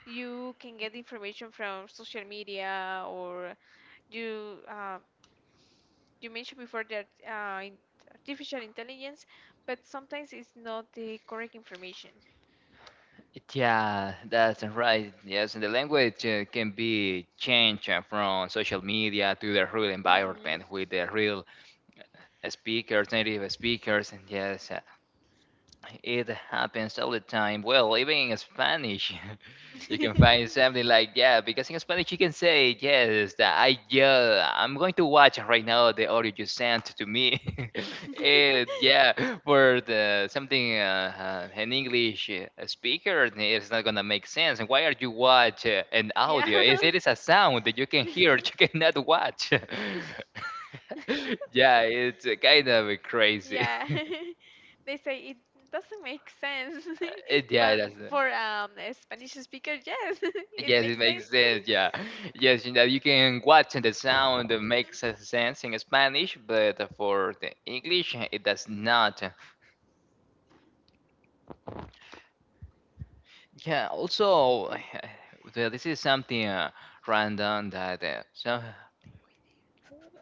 Speaker 2: you can get information from social media, or you uh, you mentioned before that uh, in- artificial intelligence, but sometimes it's not the correct information.
Speaker 1: Yeah, that's right. Yes, and the language uh, can be changed uh, from social media to the real
Speaker 2: Mhm.
Speaker 1: environment with the real speakers, native speakers. And yes, uh, it happens all the time. Well, even in Spanish, you can find something like that. Because in Spanish you can say yes. That I Yeah, I'm going to watch right now the audio you sent to me. And yeah, for the something uh, uh, an English uh, speaker, it's not gonna make sense. And why are you watch uh, an
Speaker 2: Yeah.
Speaker 1: audio? It, it is a sound that you can hear, you cannot watch. Yeah, it's uh, kind of crazy.
Speaker 2: Yeah. They say it doesn't make sense.
Speaker 1: Uh, yeah,
Speaker 2: But
Speaker 1: that's.
Speaker 2: for um a Spanish speaker, yes, it
Speaker 1: Yes, it
Speaker 2: makes sense.
Speaker 1: makes sense. Yeah, yes, in that you can watch and the sound uh, makes uh, sense in Spanish, but uh, for the English uh, it does not. Yeah, also the- this is something uh, random that uh, so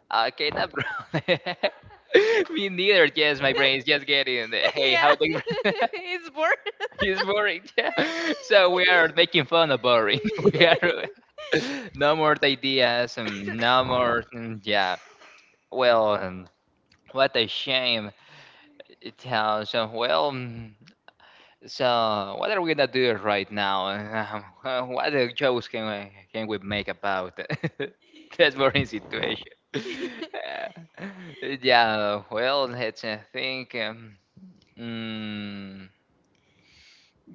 Speaker 1: I cannot. Me neither. Yes, my brain is just getting. the, Hey,
Speaker 2: Yeah.
Speaker 1: how they
Speaker 2: It's bored.
Speaker 1: is boring. Yeah. So we are making fun of boring. We are no more ideas and no more. mm, Yeah. Well. um, What a shame. It, uh, so, well, mm, so what are we gonna do right now? Um, what uh, jokes can we, can we make about that boring situation? Uh, yeah, well, let's uh, think. Um, mm,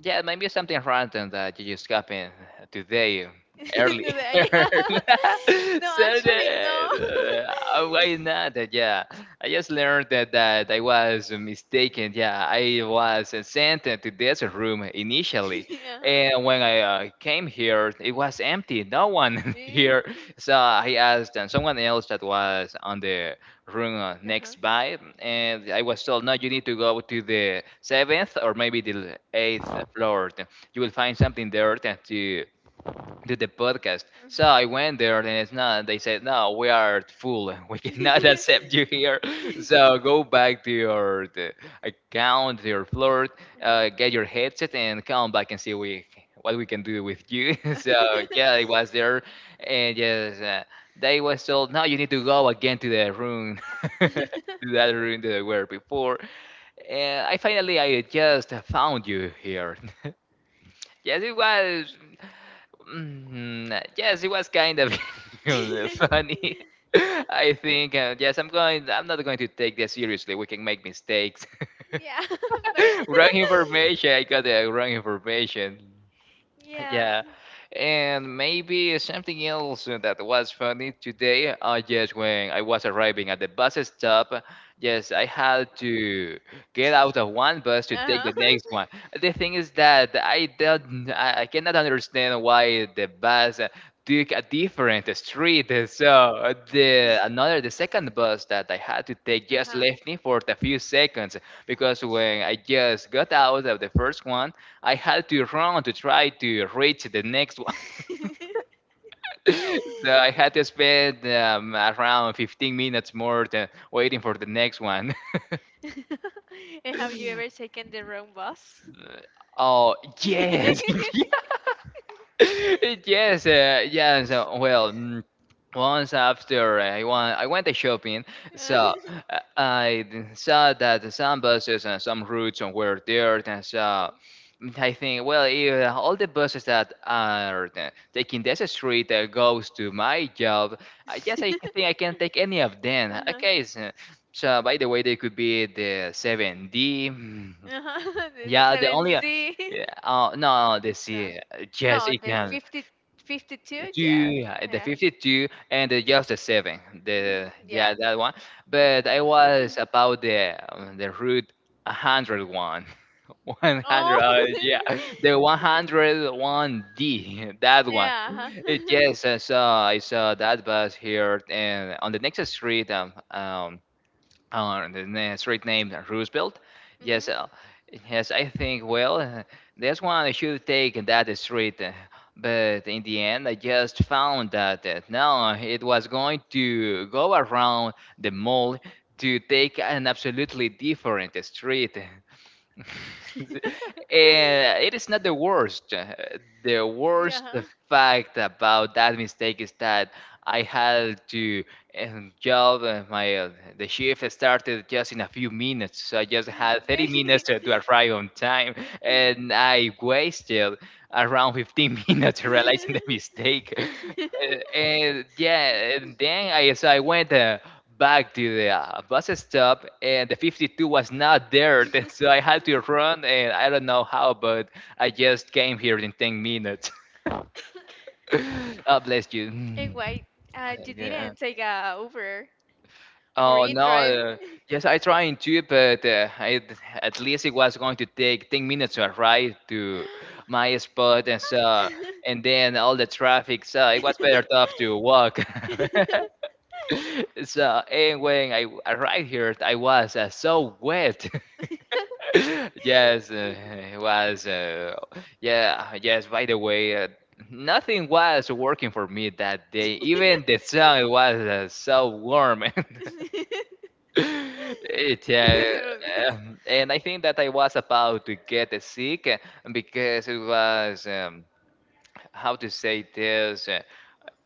Speaker 1: yeah, maybe something random that you just happened today early.
Speaker 2: No, the- yeah. No, actually,
Speaker 1: Saturday.
Speaker 2: no.
Speaker 1: uh, Why not? Uh, Yeah, I just learned that, that I was mistaken. Yeah, I was uh, sent to this room initially,
Speaker 2: Yeah.
Speaker 1: and when I uh, came here, it was empty. No one
Speaker 2: Really?
Speaker 1: here. So I asked uh, someone else that was on the room uh,
Speaker 2: Uh-huh.
Speaker 1: next by, and I was told, no, you need to go to the seventh or maybe the eighth
Speaker 2: Mhm.
Speaker 1: floor. You will find something there that you do the podcast. So I went there and it's not. They said, no, we are full. We cannot accept you here. So go back to your the account, to your floor,
Speaker 2: Uh-huh.
Speaker 1: uh, get your headset and come back and see we, what we can do with you. So yeah, I was there and yes, uh, they was told, no, you need to go again to the room. To that room that I were before, and I finally, I just found you here. Yes, it was. Mhm, uh, yes, it was kind of funny. I think, uh, yes, I'm going. I'm not going to take this seriously. We can make mistakes.
Speaker 2: Yeah, but it,
Speaker 1: Wrong information. I got the wrong information.
Speaker 2: yeah.
Speaker 1: Yeah, and maybe something else that was funny today. Uh, yes, when I was arriving at the bus stop, yes, I had to get out of one bus to take the
Speaker 2: Uh-huh.
Speaker 1: next one. The thing is that I don't, I I cannot understand why the bus uh, took a different street. So the another, the second bus that I had to take just
Speaker 2: Uh-huh.
Speaker 1: left me for a few seconds because when I just got out of the first one I had to run to try to reach the next one. So I had to spend um, around fifteen minutes more than waiting for the next one.
Speaker 2: And have you ever taken the wrong bus?
Speaker 1: Oh, yes. Yes. Yes, uh, yes. Uh, well, mm, once after uh, I went, I went shopping, so
Speaker 2: Uh,
Speaker 1: uh, I d- saw that some buses and some routes were there. And so mm, I think, well, if all the buses that are uh, taking this street that goes to my job, I guess I think I can take any of them.
Speaker 2: uh-huh.
Speaker 1: Okay, so, so by the way, they could be the seven D. mm,
Speaker 2: Uh-huh. The
Speaker 1: Yeah, the
Speaker 2: seven
Speaker 1: only. Uh,
Speaker 2: C.
Speaker 1: Yeah, uh, no, the
Speaker 2: No.
Speaker 1: C. Yes,
Speaker 2: No,
Speaker 1: it
Speaker 2: the
Speaker 1: can.
Speaker 2: fifty, fifty two, yeah.
Speaker 1: Two, uh, the
Speaker 2: Yeah.
Speaker 1: fifty-two and the, just the seven.
Speaker 2: hmm
Speaker 1: The Yeah,
Speaker 2: Yeah.
Speaker 1: that one. But I was about the um, the root one hundred one. one hundred,
Speaker 2: Oh,
Speaker 1: uh, yeah, the one hundred one D. That one.
Speaker 2: yeah.
Speaker 1: It, yes, I saw I saw that bus here and on the next street. Um, um on the street named Roosevelt. Yes,
Speaker 2: hmm
Speaker 1: uh, yes, I think, well, uh, that's one I should take that street. uh, But in the end, I just found that uh, no, it was going to go around the mall to take an absolutely different street. Eh, it is not the worst. uh, The worst
Speaker 2: Yeah.
Speaker 1: fact about that mistake is that I had to um, job. uh, My uh, the shift started just in a few minutes, so I just had thirty minutes to, to arrive on time, and I wasted around fifteen minutes realizing the mistake. Uh, and yeah, and then I so I went. Uh, back to the uh, bus stop, and the fifty-two was not there, then- so I had to run, and I don't know how, but I just came here in ten minutes. God bless you.
Speaker 2: And
Speaker 1: Mm.
Speaker 2: why uh, you
Speaker 1: Yeah.
Speaker 2: didn't take a Uber or
Speaker 1: Oh
Speaker 2: in
Speaker 1: no.
Speaker 2: drive?
Speaker 1: Uh, yes, I trying to, but uh, I, at least it was going to take ten minutes to arrive to my spot, and so and then all the traffic. So it was better off to walk. so and when I arrived here, I was uh, so wet. Yes, uh, it was. Uh, yeah, yes. By the way, uh, nothing was working for me that day. Even the sun was uh, so warm. it, uh, um, and I think that I was about to get sick uh, because it was. Um, how to say this? uh,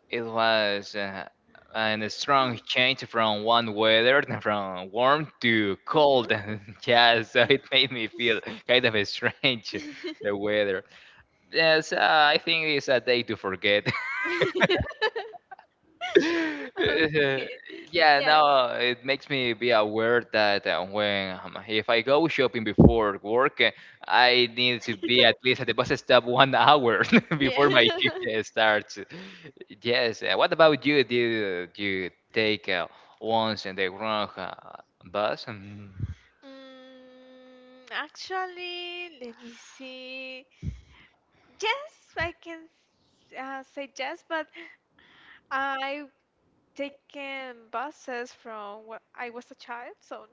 Speaker 1: It was uh, a strong change from one weather, from warm to
Speaker 2: Mhm.
Speaker 1: cold. Yeah, so it made me feel kind of strange, the weather. Yes, uh, I think it's a day to forget.
Speaker 2: Okay.
Speaker 1: Yeah,
Speaker 2: Yeah.
Speaker 1: now it makes me be aware that uh, when um, if I go shopping before work, uh, I need to be at least at the bus stop one hour
Speaker 2: Yeah.
Speaker 1: before my shift uh, starts. Yes. Uh, what about you? Do you take uh, once in the wrong uh, bus? Mm.
Speaker 2: Mm, actually, let me see. Yes, I can uh, say yes, but I've taken buses from when I was a child, so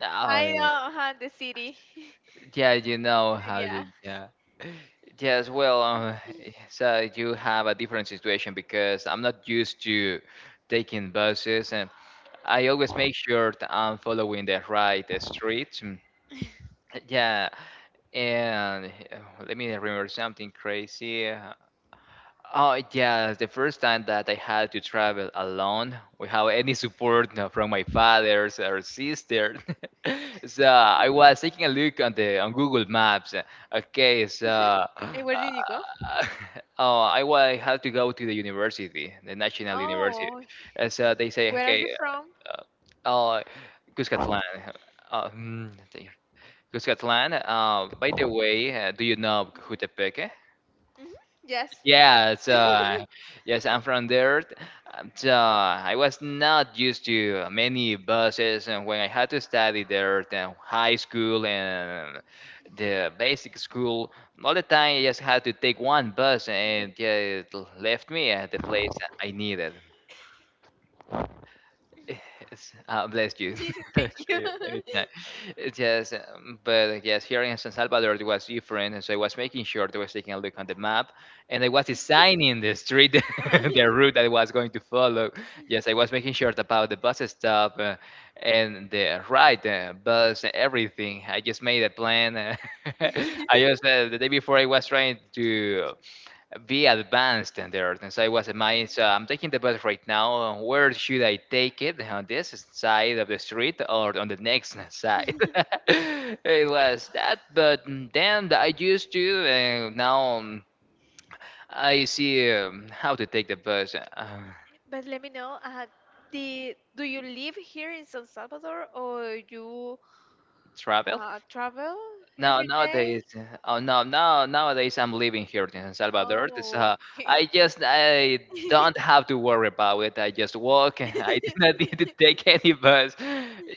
Speaker 1: Uh,
Speaker 2: I don't have the city.
Speaker 1: Yeah, you know how
Speaker 2: Yeah.
Speaker 1: to. Yeah. Yes, well, um, so you have a different situation because I'm not used to taking buses, and I always make sure that I'm following the right uh, street. Mm. Yeah, and uh, let me remember something crazy. Oh yeah, the first time that I had to travel alone without any support you know, from my father or sister. So I was taking a look on the on Google Maps. Okay, so uh,
Speaker 2: And where did you go?
Speaker 1: oh, I wa- had to go to the university, the national university.
Speaker 2: Oh,
Speaker 1: And so they say,
Speaker 2: where are
Speaker 1: okay,
Speaker 2: you from?
Speaker 1: uh, oh, Cuscatlán. Uh, hmm, Cuscatlán. Uh, by the way, uh, do you know
Speaker 2: Hmm.
Speaker 1: Cojutepeque?
Speaker 2: Hmm. Yes.
Speaker 1: Yes, uh, yes, I'm from there. Um, So I was not used to many buses, and when I had to study there, the high school and the basic school, all the time I just had to take one bus,
Speaker 2: Mhm.
Speaker 1: and yeah, it left me at the place I needed. Yes, uh, bless you.
Speaker 2: Thank
Speaker 1: Uh,
Speaker 2: you.
Speaker 1: Anytime. It's Yes, um, but yes, here in San Salvador it was different, and so I was making sure that I was taking a look on the map, and I was designing the street, the
Speaker 2: Uh-huh.
Speaker 1: route I was going to follow. Yes, I was making sure about the bus stop uh, and the ride, uh, bus, everything. I just made a plan. uh, I just uh, the day before I was trying to be advanced in there. And so I was amazed. So I'm taking the bus right now. Where should I take it? On this side of the street or on the next side? It was that. But then I used to, and now um, I see um, how to take the bus. Uh,
Speaker 2: But let me know, uh, the, do you live here in San Salvador or you
Speaker 1: travel
Speaker 2: Uh, travel
Speaker 1: Now
Speaker 2: every day?
Speaker 1: nowadays, oh no, now nowadays I'm living here in El Salvador.
Speaker 2: Oh.
Speaker 1: So I just I don't have to worry about it. I just walk. I do not need to take any bus.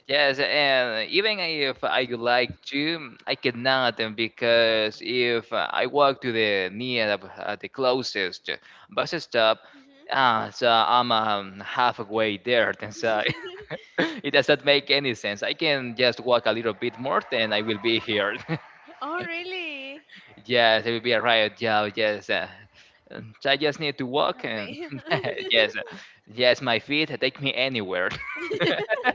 Speaker 1: Yes, and even if I would like to, I cannot uh, because if I walk to the near of- uh, the closest bus stop, ah, so I'm um, halfway there. So it doesn't make any sense. I can just walk a little bit more, then I will be here.
Speaker 2: Oh, really?
Speaker 1: Yes, it would be a riot. Yeah, yes. Uh, um, so I just need to walk, and
Speaker 2: Ama-
Speaker 1: yes, uh, yes, my feet uh, take me anywhere.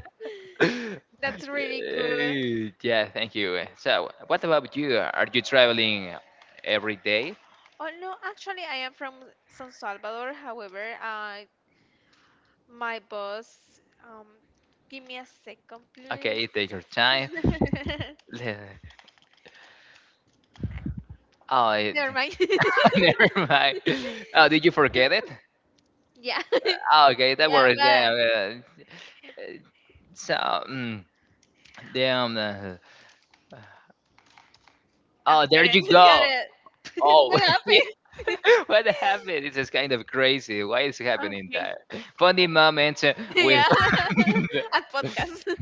Speaker 2: That's really good.
Speaker 1: Eh, yeah, thank you. So, what about you? Are you traveling every day?
Speaker 2: Oh, no, actually, I am from San Salvador. However, uh, my boss, um, give me a second,
Speaker 1: Okay,
Speaker 2: please.
Speaker 1: take your time. Le- Oh, it-
Speaker 2: Never mind.
Speaker 1: never mind. Oh, did you forget it?
Speaker 2: Yeah.
Speaker 1: Oh, okay, that
Speaker 2: Yeah,
Speaker 1: worries.
Speaker 2: but.
Speaker 1: Yeah, uh, so, mm, damn. Uh,
Speaker 2: Oh,
Speaker 1: oh,
Speaker 2: got
Speaker 1: there
Speaker 2: it.
Speaker 1: you
Speaker 2: Got
Speaker 1: go.
Speaker 2: it. What
Speaker 1: Oh, yeah.
Speaker 2: happened?
Speaker 1: What happened? This is kind of crazy. Why is happening
Speaker 2: Okay.
Speaker 1: that? Funny moment with
Speaker 2: Yeah. At podcast.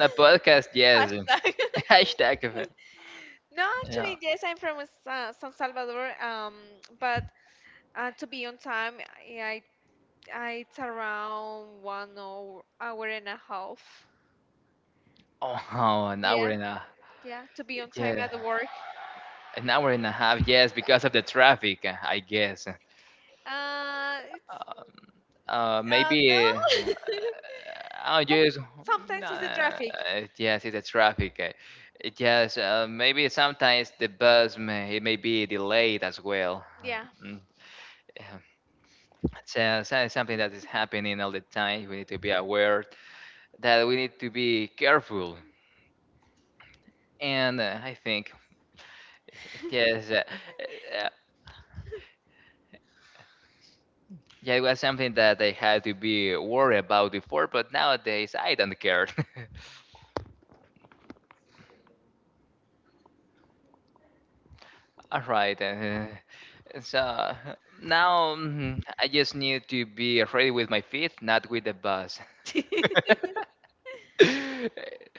Speaker 1: a podcast, yes.
Speaker 2: Hashtag.
Speaker 1: Hashtag of it.
Speaker 2: No,
Speaker 1: Yeah.
Speaker 2: actually, yes, I'm from uh, San Salvador. Um, but uh, to be on time, I, I it's around one hour, hour and a half.
Speaker 1: Oh, an hour
Speaker 2: Yeah,
Speaker 1: and a
Speaker 2: yeah, to be on time
Speaker 1: yeah,
Speaker 2: at the work.
Speaker 1: an hour and a half. Yes, because of the traffic, uh, I guess.
Speaker 2: Uh, it's
Speaker 1: Um, uh,
Speaker 2: uh no.
Speaker 1: Maybe uh, I'll
Speaker 2: Oh,
Speaker 1: just,
Speaker 2: sometimes it's the
Speaker 1: uh,
Speaker 2: traffic.
Speaker 1: yes, it's the traffic. uh, Yes, uh, maybe sometimes the bus may it may be delayed as well.
Speaker 2: Yeah.
Speaker 1: Mm. um, so, so it's something that is happening all the time. We need to be aware that we need to be careful. And uh, I think, yes, uh, uh, yeah, it was something that I had to be worried about before, but nowadays I don't care. All right. Uh, so now mm, I just need to be ready with my feet, not with the bus.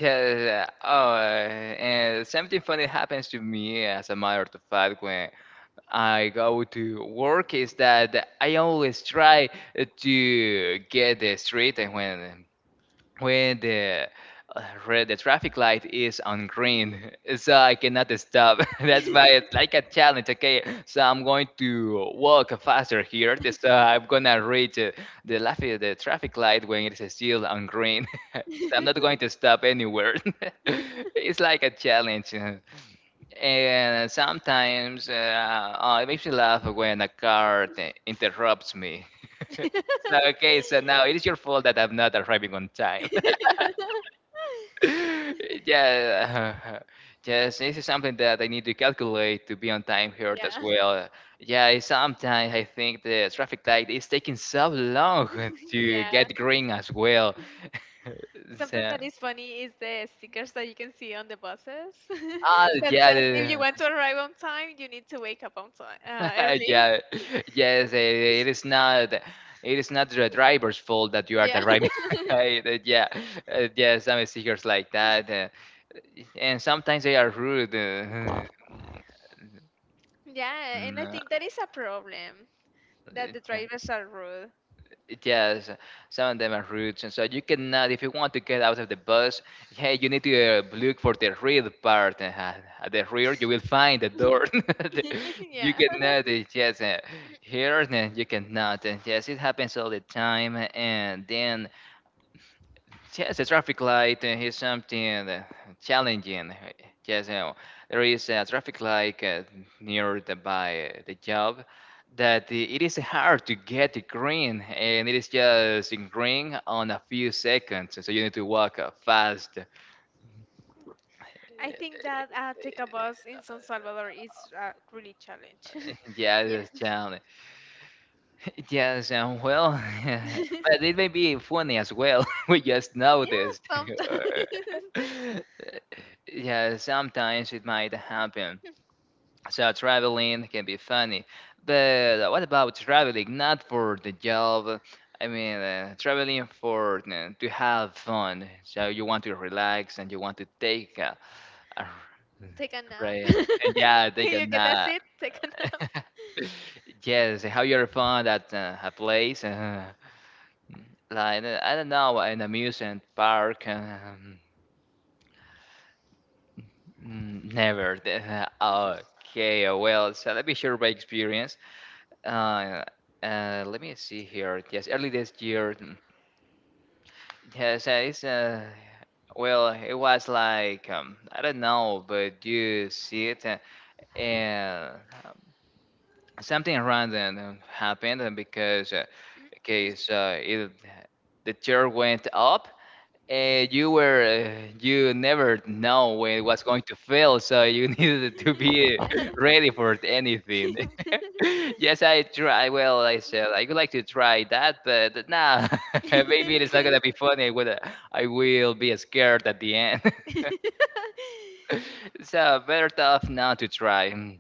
Speaker 1: Yeah, yeah, yeah. oh, uh, and something funny happens to me, as a matter of fact, when I go to work is that I always try to get the street and when when the uh, red the traffic light is on
Speaker 2: Mhm.
Speaker 1: green, so I cannot stop. That's why it's like a challenge. Okay, so I'm going to walk faster here so I'm gonna reach uh, the lafi- the traffic light when it's still on green. So I'm not going to stop anywhere. It's like a challenge. Uh, and sometimes uh, uh, it makes me laugh when a car t- interrupts me. So, okay, so now it is your fault that I'm not arriving on time. Yeah, yes, this is something that I need to calculate to be on time here as
Speaker 2: Yeah.
Speaker 1: well. Yeah, sometimes I think the traffic light is taking so long to
Speaker 2: Yeah.
Speaker 1: get green as well.
Speaker 2: Something
Speaker 1: So,
Speaker 2: that is funny is the stickers that you can see on the buses
Speaker 1: ah,
Speaker 2: that
Speaker 1: yeah,
Speaker 2: says if you
Speaker 1: the-
Speaker 2: want to arrive on time, you need to wake up on time uh, early.
Speaker 1: yeah, yes, eh, it is not. It is not the driver's fault that you are
Speaker 2: Yeah.
Speaker 1: driving. Right, eh, yeah, eh, yeah, some stickers like that and sometimes they are rude. Uh,
Speaker 2: Yeah, and I
Speaker 1: no,
Speaker 2: think that is a problem that
Speaker 1: eh,
Speaker 2: the
Speaker 1: yeah.
Speaker 2: drivers are rude.
Speaker 1: Yes, some of them are rude, and so you cannot. If you want to get out of the bus, hey, you need to uh, look for the rear part. uh, At the rear, you will find the door. You
Speaker 2: Yeah.
Speaker 1: cannot. uh, Yes, uh, here uh, you cannot. uh, Yes, it happens all the time, and then yes, a traffic light uh, is something uh, challenging. Yes, uh, there is a traffic light uh, near the, by uh, the job that i- it is hard to get it green, and it is just in green on a few seconds, so you need to walk uh, fast.
Speaker 2: I think that uh, take a bus in San Salvador is uh, really challenge.
Speaker 1: Yeah, that's
Speaker 2: Yeah.
Speaker 1: challenging. Yes, um, well, but it may be funny as well. We just
Speaker 2: Yeah,
Speaker 1: noticed.
Speaker 2: sometimes.
Speaker 1: Yeah, sometimes it might happen. So traveling can be funny, but what about traveling not for the job? I mean, uh, traveling for uh, to have fun. So you want to relax and you want to take a, a
Speaker 2: Take a nap.
Speaker 1: right, uh, and yeah, take a
Speaker 2: You get a
Speaker 1: nap.
Speaker 2: seat, take a nap.
Speaker 1: Yes, have your fun at uh, a place, uh, like uh, I don't know, an amusement park. Um, mm, never. Okay, well, so let me share my experience. Uh, uh, Let me see here. Yes, early this year. mm, Yes, uh, it's uh, well, it was like um, I don't know, but you see it, uh, and um, something random uh, happened uh, because uh, okay, so it the chair went up. Uh, you were uh, you never know when it was going to fail, so you needed to be ready for anything. Yes, I try. Well, I said I would like to try that, but nah, maybe it's not gonna be funny. Well, I will be scared at the end. So better tough not to try. Mm.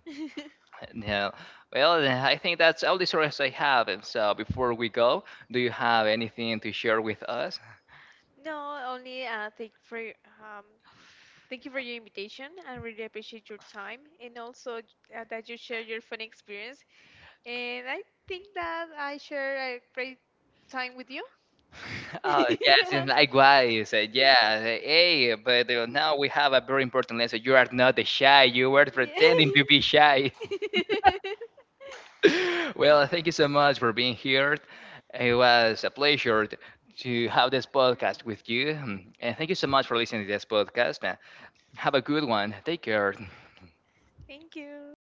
Speaker 1: No. Well, I think that's all the stories I have. And So before we go, do you have anything to share with us?
Speaker 2: No, only uh, thank for your- um, thank you for your invitation. I really appreciate your time and also uh, that you share your fun experience. And I think that I share a great time with you.
Speaker 1: Oh, yes, and likewise. uh, Yeah,
Speaker 2: Yeah.
Speaker 1: uh, hey, but uh, now we have a very important lesson. You are not the shy. You were
Speaker 2: Yeah.
Speaker 1: pretending to be shy. Well, thank you so much for being here. It was a pleasure t- to have this podcast with you. mm, And thank you so much for listening to this podcast. uh, Have a good one. Take care.
Speaker 2: Thank you.